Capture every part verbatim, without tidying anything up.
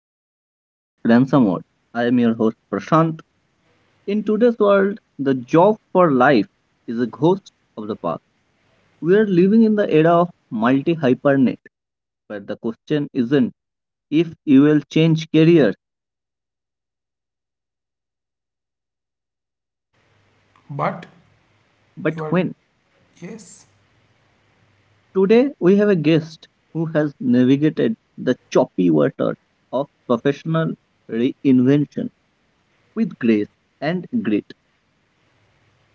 welcome to the Ransom World. I am your host Prashant. In today's world, the job for life is a ghost of the past. We are living in the era of multi-hypernet, where the question isn't if you will change careers, But but you are, when. yes. Today we have a guest who has navigated the choppy water of professional reinvention with grace and grit.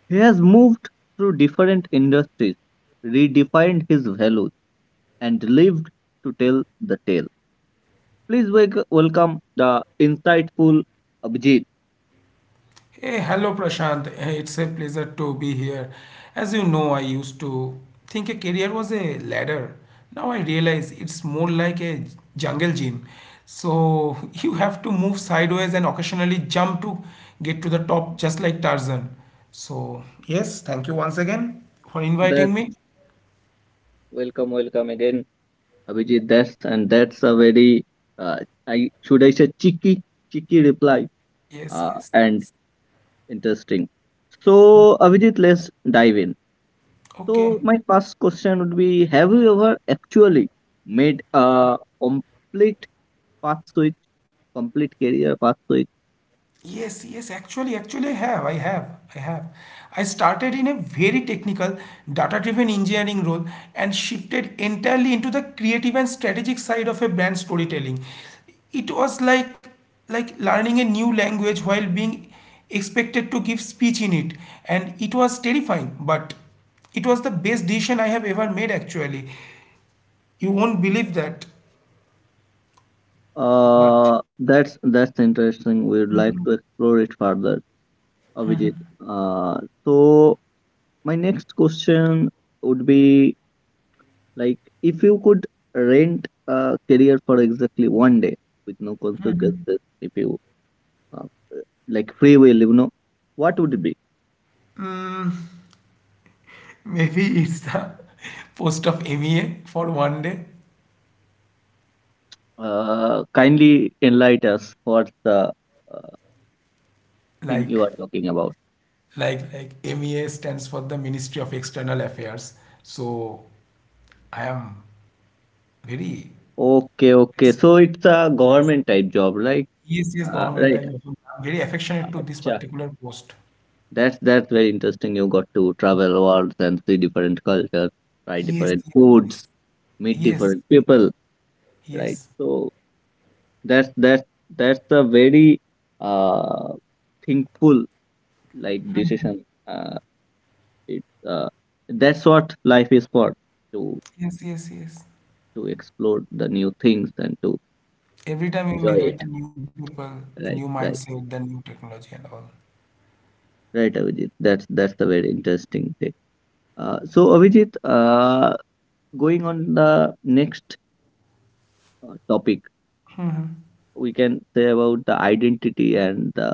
He has moved through different industries, redefined his values, and lived to tell the tale. Please wel- welcome the insightful Abhijit. Hey, hello Prashant. Hey, it's a pleasure to be here. As you know, I used to think a career was a ladder. Now I realize it's more like a jungle gym. So you have to move sideways and occasionally jump to get to the top, just like Tarzan. So, yes, thank you once again for inviting That's me. welcome, welcome again, Abhijit. That's and that's a very uh, I should I say cheeky, cheeky reply Yes, uh, yes, and yes. interesting. So Abhijit, let's dive in. So Okay. my first question would be: have you ever actually made a complete path switch, complete career path switch? Yes, yes, actually, actually, I have, I have, I have. I started in a very technical, data-driven engineering role and shifted entirely into the creative and strategic side of a brand storytelling. It was like like learning a new language while being expected to give speech in it, and it was terrifying, but it was the best decision I have ever made, actually. You won't believe that, but Uh, that's that's interesting. We would like to explore it further, Avijit. Uh, so my next question would be like, if you could rent a career for exactly one day with no consequences, if you uh, like free will, you know, what would it be? maybe it's the post of M E A for one day. Uh, kindly enlighten us, what's the uh, thing like you are talking about? like like M E A stands for the Ministry of External Affairs. So I am very Okay, okay. yes, So it's a government type job, right? E S C S Uh, government. I Right. am very affectionate to this Acha. particular post. That's that's very interesting. You got to travel worlds and see different cultures, try Yes, different foods, yes, meet yes, different yes, people, right? yes, So that's that's that's a very uh thankful like decision. Uh, it uh, That's what life is for to yes, yes, yes. to explore the new things and to uh, Every time we enjoy meet with it. the new people, the new Right, right, mindset, the new technology, and all. right, Avijit. That's that's a very interesting thing. Uh, so Avijit, uh, going on the next uh, topic, we can say about the identity and the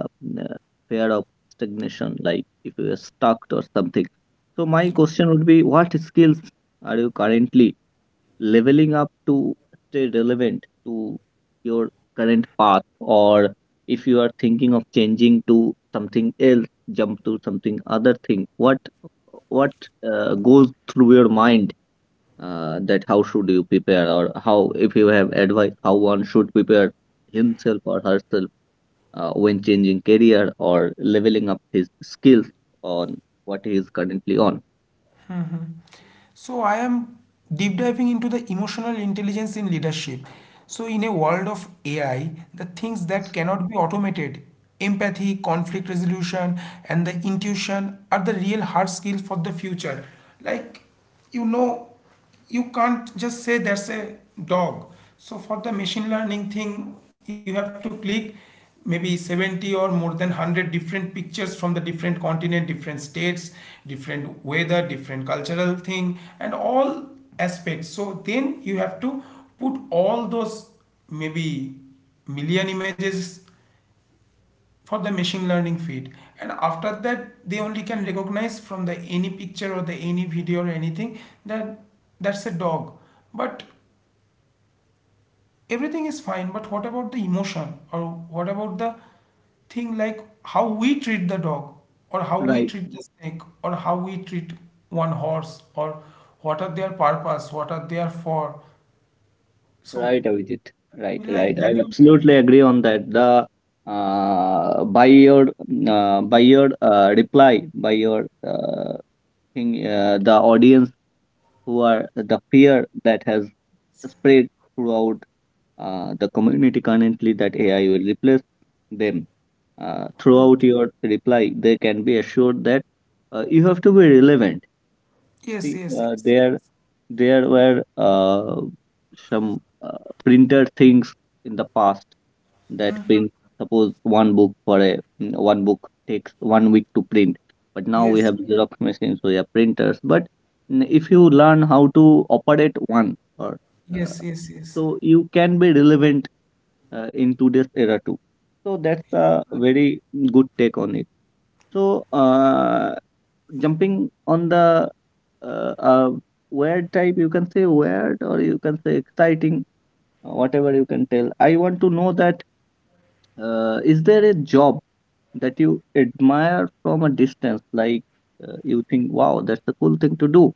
uh, fear of stagnation, like if you are stuck or something. So my question would be, what skills are you currently leveling up to stay relevant to your current path, or if you are thinking of changing to something else, jump to something other thing? What what uh, goes through your mind, uh, that how should you prepare, or how, if you have advice, how one should prepare himself or herself uh, when changing career or leveling up his skills on what he is currently on? So, I am deep diving into the emotional intelligence in leadership. So, in a world of A I, the things that cannot be automated, empathy, conflict resolution, and the intuition are the real hard skills for the future. Like, you know, you can't just say that's a dog, so for the machine learning thing you have to click maybe seventy or more than one hundred different pictures from the different continent, different states, different weather, different cultural thing and all aspects. So then you have to put all those maybe million images for the machine learning feed, and after that they only can recognize from the any picture or the any video or anything that that's a dog. But everything is fine, but what about the emotion? Or what about the thing like how we treat the dog, or how we Right, treat the snake, or how we treat one horse, or what are their purpose, what are they are for? right, So Avijit. Right, I feel right, like I that will- absolutely agree on that. The uh, by your uh, by your uh, reply, by your uh, thing, uh, the audience who are the fear that has spread throughout uh, the community currently, that A I will replace them. Uh, throughout your reply, they can be assured that uh, you have to be relevant. yes, See, yes, yes, uh, there yes, there were uh, some uh, printed things in the past, that print, suppose one book for a mm, one book takes one week to print, but now we have yes, xerox machines, we have printers. But n- if you learn how to operate one, or uh, yes, yes, yes. so you can be relevant uh, in today's era too. So that's a very good take on it. So uh, jumping on the uh, uh, weird type, you can say weird or you can say exciting, uh, whatever you can tell. I want to know that, uh, is there a job that you admire from a distance, like uh, you think wow, that's a cool thing to do,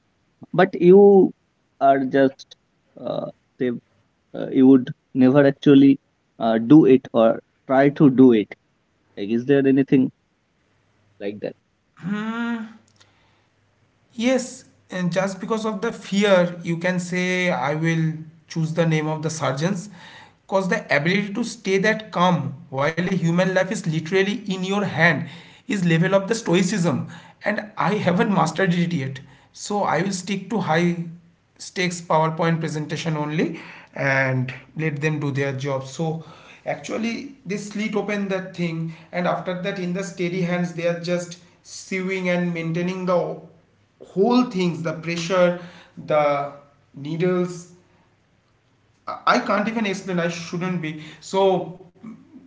but you are just uh, say uh, you would never actually uh, do it or try to do it? Like, is there anything like that? Yes, and just because of the fear, you can say I will choose the name of the surgeons because the ability to stay that calm while a human life is literally in your hand is level of the stoicism, and I haven't mastered it yet. So I will stick to high stakes PowerPoint presentation only and let them do their job. So actually they slit open that thing, and after that in the steady hands they are just sewing and maintaining the whole things, the pressure, the needles, i I can't even explain, I shouldn't be. So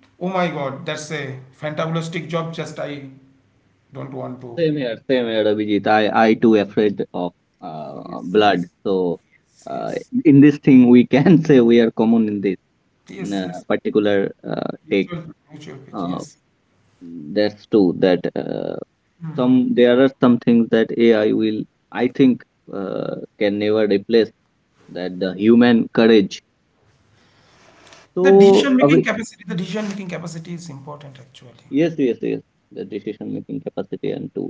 oh my God, that's a fantabulistic job, just I don't want to. Same here, same here, Abhijit. I, I too afraid of uh, Yes, yes, blood. So, yes, uh, yes, in this thing, we can say we are common in this yes, uh, yes. particular uh, take. Mutual, mutual page, Uh, yes. that's true. That uh, some there are some things that A I will, I think, uh, can never replace, that the human courage. The So, decision making Abhi. capacity, the decision making capacity is important actually. Yes, yes, yes. The decision-making capacity and to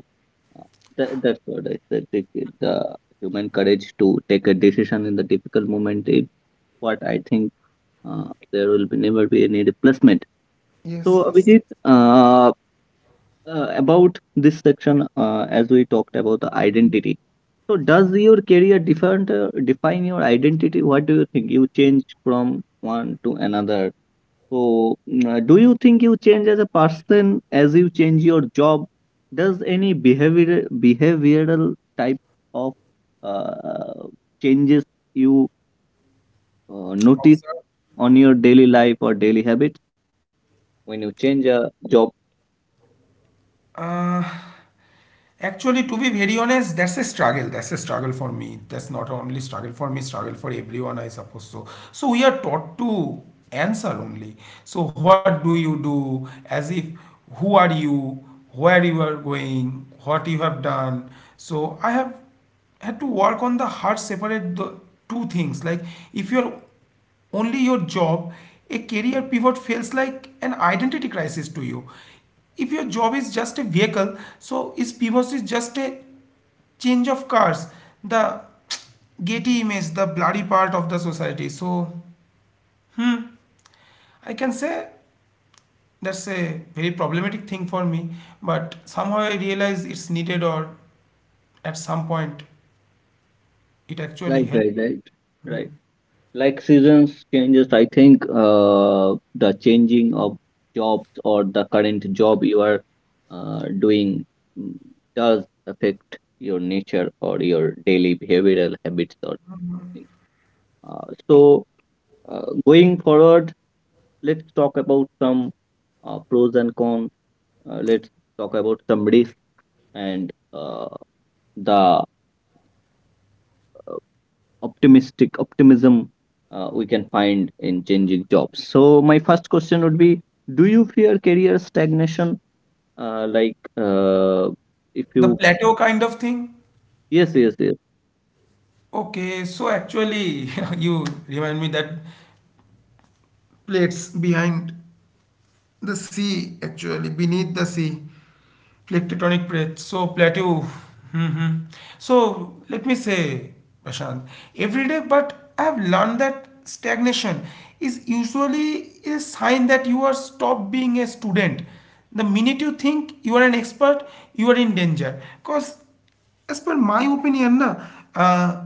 uh, that, that's what I said. The, the human courage to take a decision in the difficult moment is what I think uh, there will be never be any replacement. Yes, So, yes. Abhijit, uh, uh, about this section, uh, as we talked about the identity. So, does your career different uh, define your identity? What do you think? You change from one to another, so, mm, do you think you change as a person as you change your job? Does any behavior behavioral type of uh, changes you uh, notice Observe. on your daily life or daily habits when you change a job? Uh, Actually, to be very honest, that's a struggle. That's a struggle for me. That's not only struggle for me, struggle for everyone, I suppose so. So we are taught to answer only. So what do you do? As if who are you, where you are going, what you have done. So I have had to work on the heart separate the two things. Like if you are only your job, a career pivot feels like an identity crisis to you. If your job is just a vehicle, so is pivot is just a change of cars, the Getty image, the bloody part of the society. So, hmm, I can say that's a very problematic thing for me, but somehow I realize it's needed, or at some point it actually Right, helps. right, right, Hmm. right. Like seasons changes, I think uh, the changing of jobs or the current job you are uh, doing, mm, does affect your nature or your daily behavioral habits or things. uh, so uh, going forward, let's talk about some uh, pros and cons. Uh, let's talk about some risks and uh, the optimistic optimism uh, we can find in changing jobs. So my first question would be, do you fear career stagnation, uh, like uh, if The you plateau kind of thing. yes yes yes Okay, so actually, you remind me that plates behind the sea, actually beneath the sea, plate tectonic plates. So plateau. Hmm, hmm. So let me say, Prashant, every day, but I have learned that stagnation is usually a sign that you are stopped being a student. The minute you think you are an expert, you are in danger. Because as per my opinion na, uh,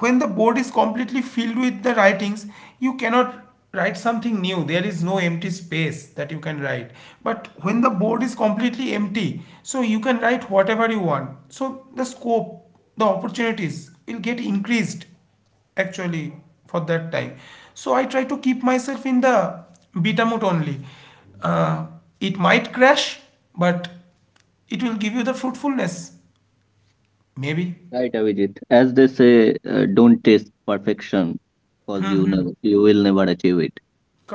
when the board is completely filled with the writings you cannot write something new, there is no empty space that you can write. But when the board is completely empty, so you can write whatever you want, so the scope, the opportunities will get increased actually for that time. So I try to keep myself in the beta mode only. uh, it might crash, but it will give you the fruitfulness. Maybe. right Avijit. As they say, uh, don't taste perfection, because you never, you will never achieve it.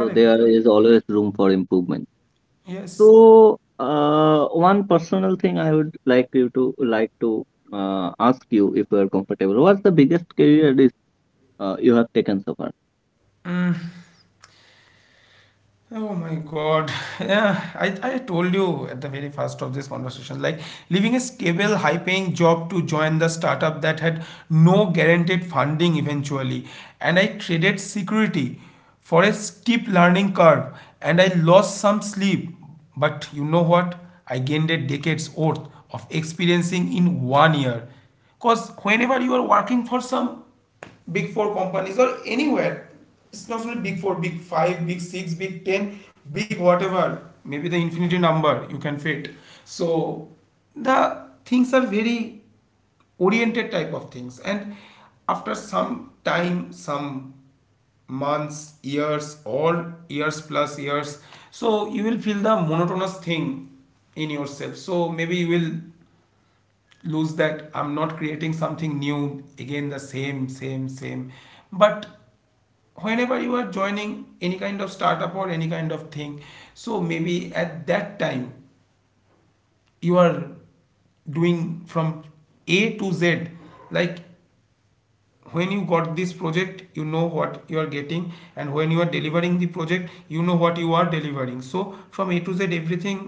So there correct. is always room for improvement. Yes. So uh, one personal thing I would like you to like to uh, ask you, if you are comfortable, what's the biggest career risk uh, you have taken so far? Oh my God. Yeah, I, I told you at the very first of this conversation, like leaving a stable, high paying job to join the startup that had no guaranteed funding eventually. And I traded security for a steep learning curve and I lost some sleep. But you know what? I gained a decade's worth of experiencing in one year. Because whenever you are working for some big four companies or anywhere. It's not only big four, big five, big six, big ten, big whatever. Maybe the infinity number you can fit. So the things are very oriented type of things, and after some time, some months, years, or years plus years, so you will feel the monotonous thing in yourself. So maybe you will lose that, I'm not creating something new, again the same, same, same. But whenever you are joining any kind of startup or any kind of thing, so maybe at that time you are doing from a to z. Like when you got this project you know what you are getting, and when you are delivering the project you know what you are delivering, so from a to z everything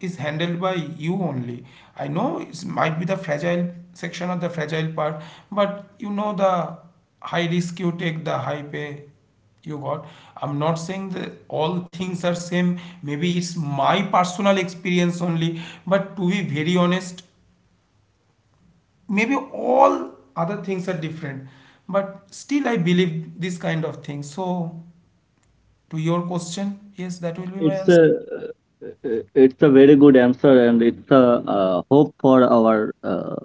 is handled by you only. I know it might be the fragile section of the fragile part, but you know the high risk you take, the high pay you got. I'm not saying that all things are same. Maybe it's my personal experience only, but to be very honest, maybe all other things are different. But still, I believe this kind of thing. So, to your question, yes, that will be my It's a answer. uh, uh, it's a very good answer, and it's a uh, hope for our uh,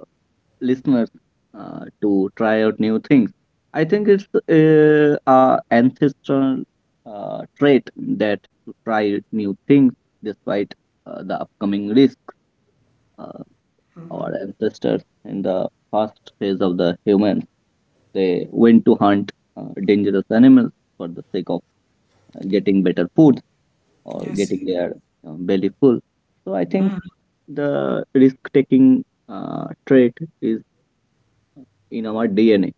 listeners uh, to try out new things. I think it's uh, a ancestral uh, trait, that to try new things despite uh, the upcoming risk. Uh, our ancestors, in the first phase of the humans, they went to hunt uh, dangerous animals for the sake of uh, getting better food or Yes, getting their uh, belly full. So I think the risk-taking uh, trait is in our D N A.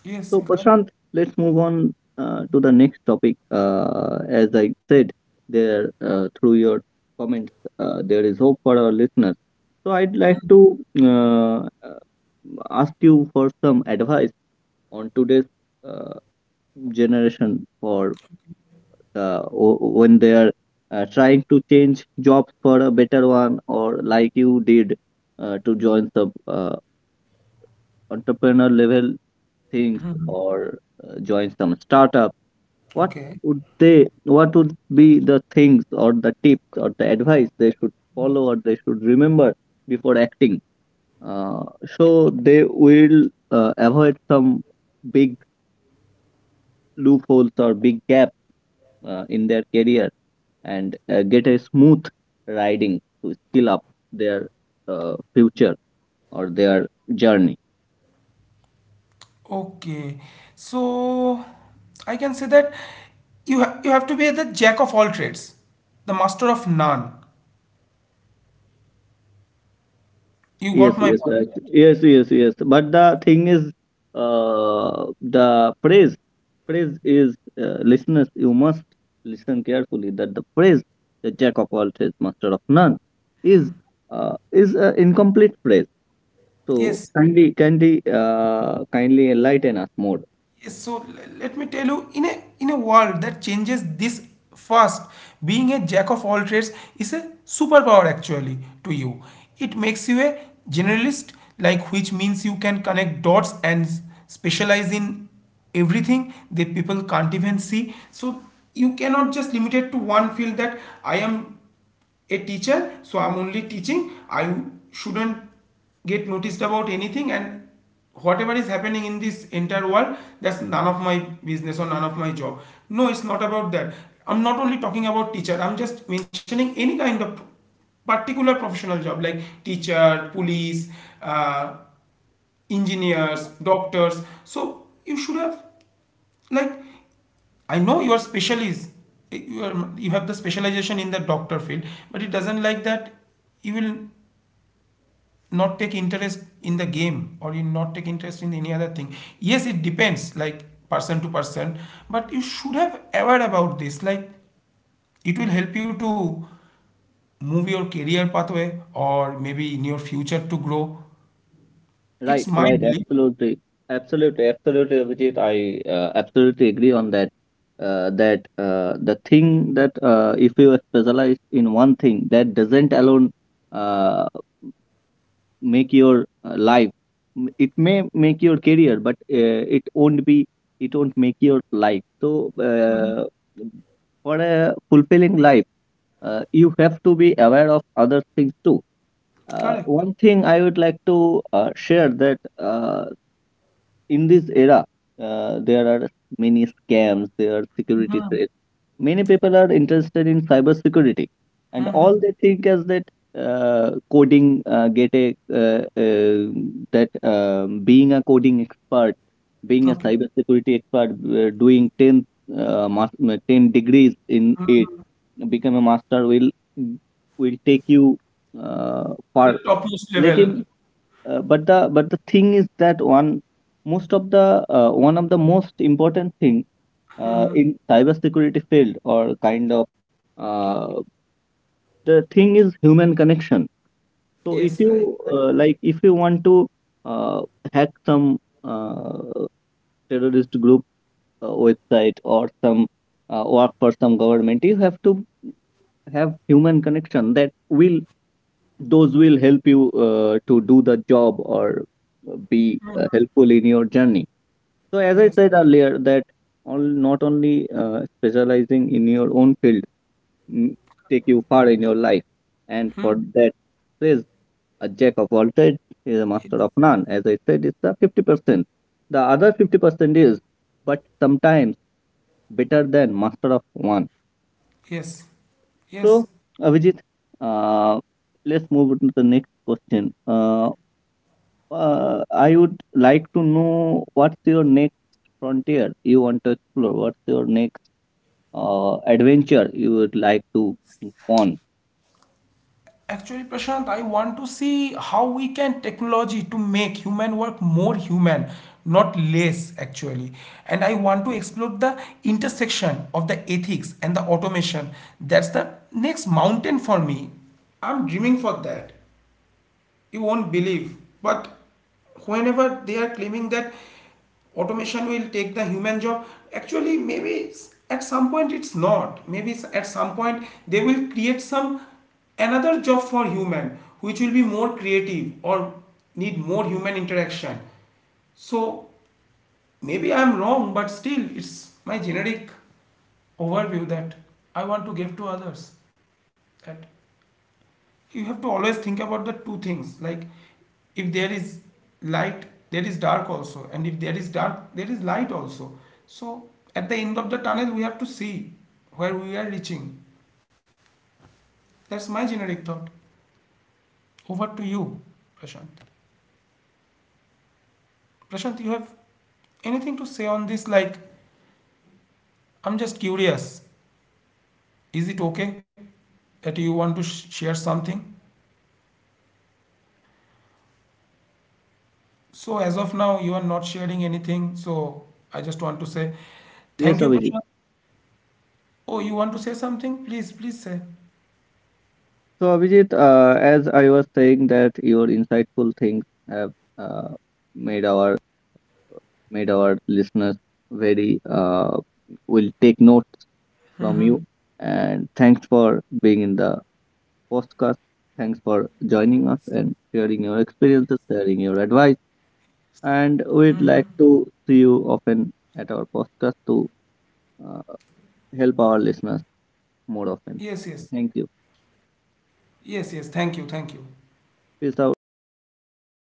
yes, So correct. Prashant, let's move on uh, to the next topic. Uh, as I said, there uh, through your comments, uh, there is hope for our listeners. So I'd like to uh, uh, ask you for some advice on today's uh, generation, for uh, o- when they are uh, trying to change jobs for a better one, or like you did, uh, to join some uh, entrepreneur level things, or uh, join some startup. What Okay. would they, what would be the things or the tips or the advice they should follow or they should remember before acting, uh, so they will uh, avoid some big loopholes or big gaps uh, in their career, and uh, get a smooth riding to skill up their uh, future or their journey. Okay, so I can say that you ha you have to be the jack of all trades, the master of none. You Yes, got my yes, point, right. right? Yes, yes, yes. But the thing is, uh, the phrase, phrase is, uh, listeners, you must listen carefully, that the phrase, the jack of all trades, master of none, is uh, is an incomplete phrase. So Yes. kindly, kindly, uh, kindly enlighten us more. Yes, so l- let me tell you, in a in a world that changes this fast, being a jack of all trades is a superpower actually to you. It makes you a generalist, like which means you can connect dots and s- specialize in everything that people can't even see. So you cannot just limit it to one field that I am a teacher so I'm only teaching, I shouldn't get noticed about anything, and whatever is happening in this entire world, that's none of my business or none of my job. No, it's not about that. I'm not only talking about teacher, I'm just mentioning any kind of particular professional job like teacher, police, uh, engineers, doctors. So you should have, like, I know you are specialist. You, are, you have the specialization in the doctor field, but it doesn't like that. You will not take interest in the game or you not take interest in any other thing. Yes, it depends, like person to person, but you should have aware about this. Like it will help you to move your career pathway or maybe in your future to grow. It's Right, my right, belief. absolutely, absolutely, absolutely, Abhijit. I uh, absolutely agree on that. Uh, that uh, the thing that, uh, if you specialize in one thing, that doesn't alone uh, make your uh, life. M- it may make your career, but uh, it won't be it won't make your life. So uh, for a fulfilling life, uh, you have to be aware of other things too. uh, Correct. One thing I would like to uh, share, that uh, in this era, uh, there are many scams, there are security thre- many people are interested in cybersecurity, and all they think is that uh, coding uh, get a uh, uh, that um, being a coding expert, being a Okay. cybersecurity expert, uh, doing ten, uh, mas- uh, ten degrees in it, become a master, will will take you uh, To the far. topmost Like, level. uh, but the but the thing is that one, most of the uh, one of the most important thing uh, in cybersecurity field or kind of, uh, the thing is human connection. So Yes, if right, right. you uh, like, if you want to uh, hack some uh, terrorist group uh, website, or some uh, work for some government, you have to have human connection. That will, those will help you uh, to do the job, or uh, be uh, helpful in your journey. So as I Yes. said earlier, that all, not only uh, specializing in your own field, mm, take you far in your life. And for that says, a jack of all trades is a Yes. master of none, as I said, it's a fifty percent, the other fifty percent is but sometimes better than master of one. Yes. So Yes. Avijit, uh, let's move on to the next question. uh, Uh, I would like to know, what's your next frontier you want to explore? What's your next uh, adventure you would like to go on? Actually, Prashant, I want to see how we can technology to make human work more human, not less actually. And I want to explore the intersection of the ethics and the automation. That's the next mountain for me. I'm dreaming for that, you won't believe, but whenever they are claiming that automation will take the human job, actually maybe at some point, it's not maybe, at some point they will create some another job for human, which will be more creative or need more human interaction. So maybe I'm wrong, but still it's my generic overview that I want to give to others, that you have to always think about the two things. Like if there is light there is dark also, and if there is dark there is light also. So at the end of the tunnel we have to see where we are reaching. That's my generic thought. Over to you, Prashant. Prashant, you have anything to say on this? Like, I'm just curious, is it okay that you want to sh- share something? So as of now you are not sharing anything, so I just want to say Yes, thank you, Abhijit. Prashant. Oh, you want to say something? Please, please say. So, Abhijit, uh, as I was saying that your insightful things have uh, made our made our listeners very uh, will take notes from you. And thanks for being in the podcast. Thanks for joining us and sharing your experiences, sharing your advice. And we'd like to see you often at our podcast to uh, help our listeners more often. Yes, yes. Thank you. Yes, yes. Thank you, thank you. Peace out, guys.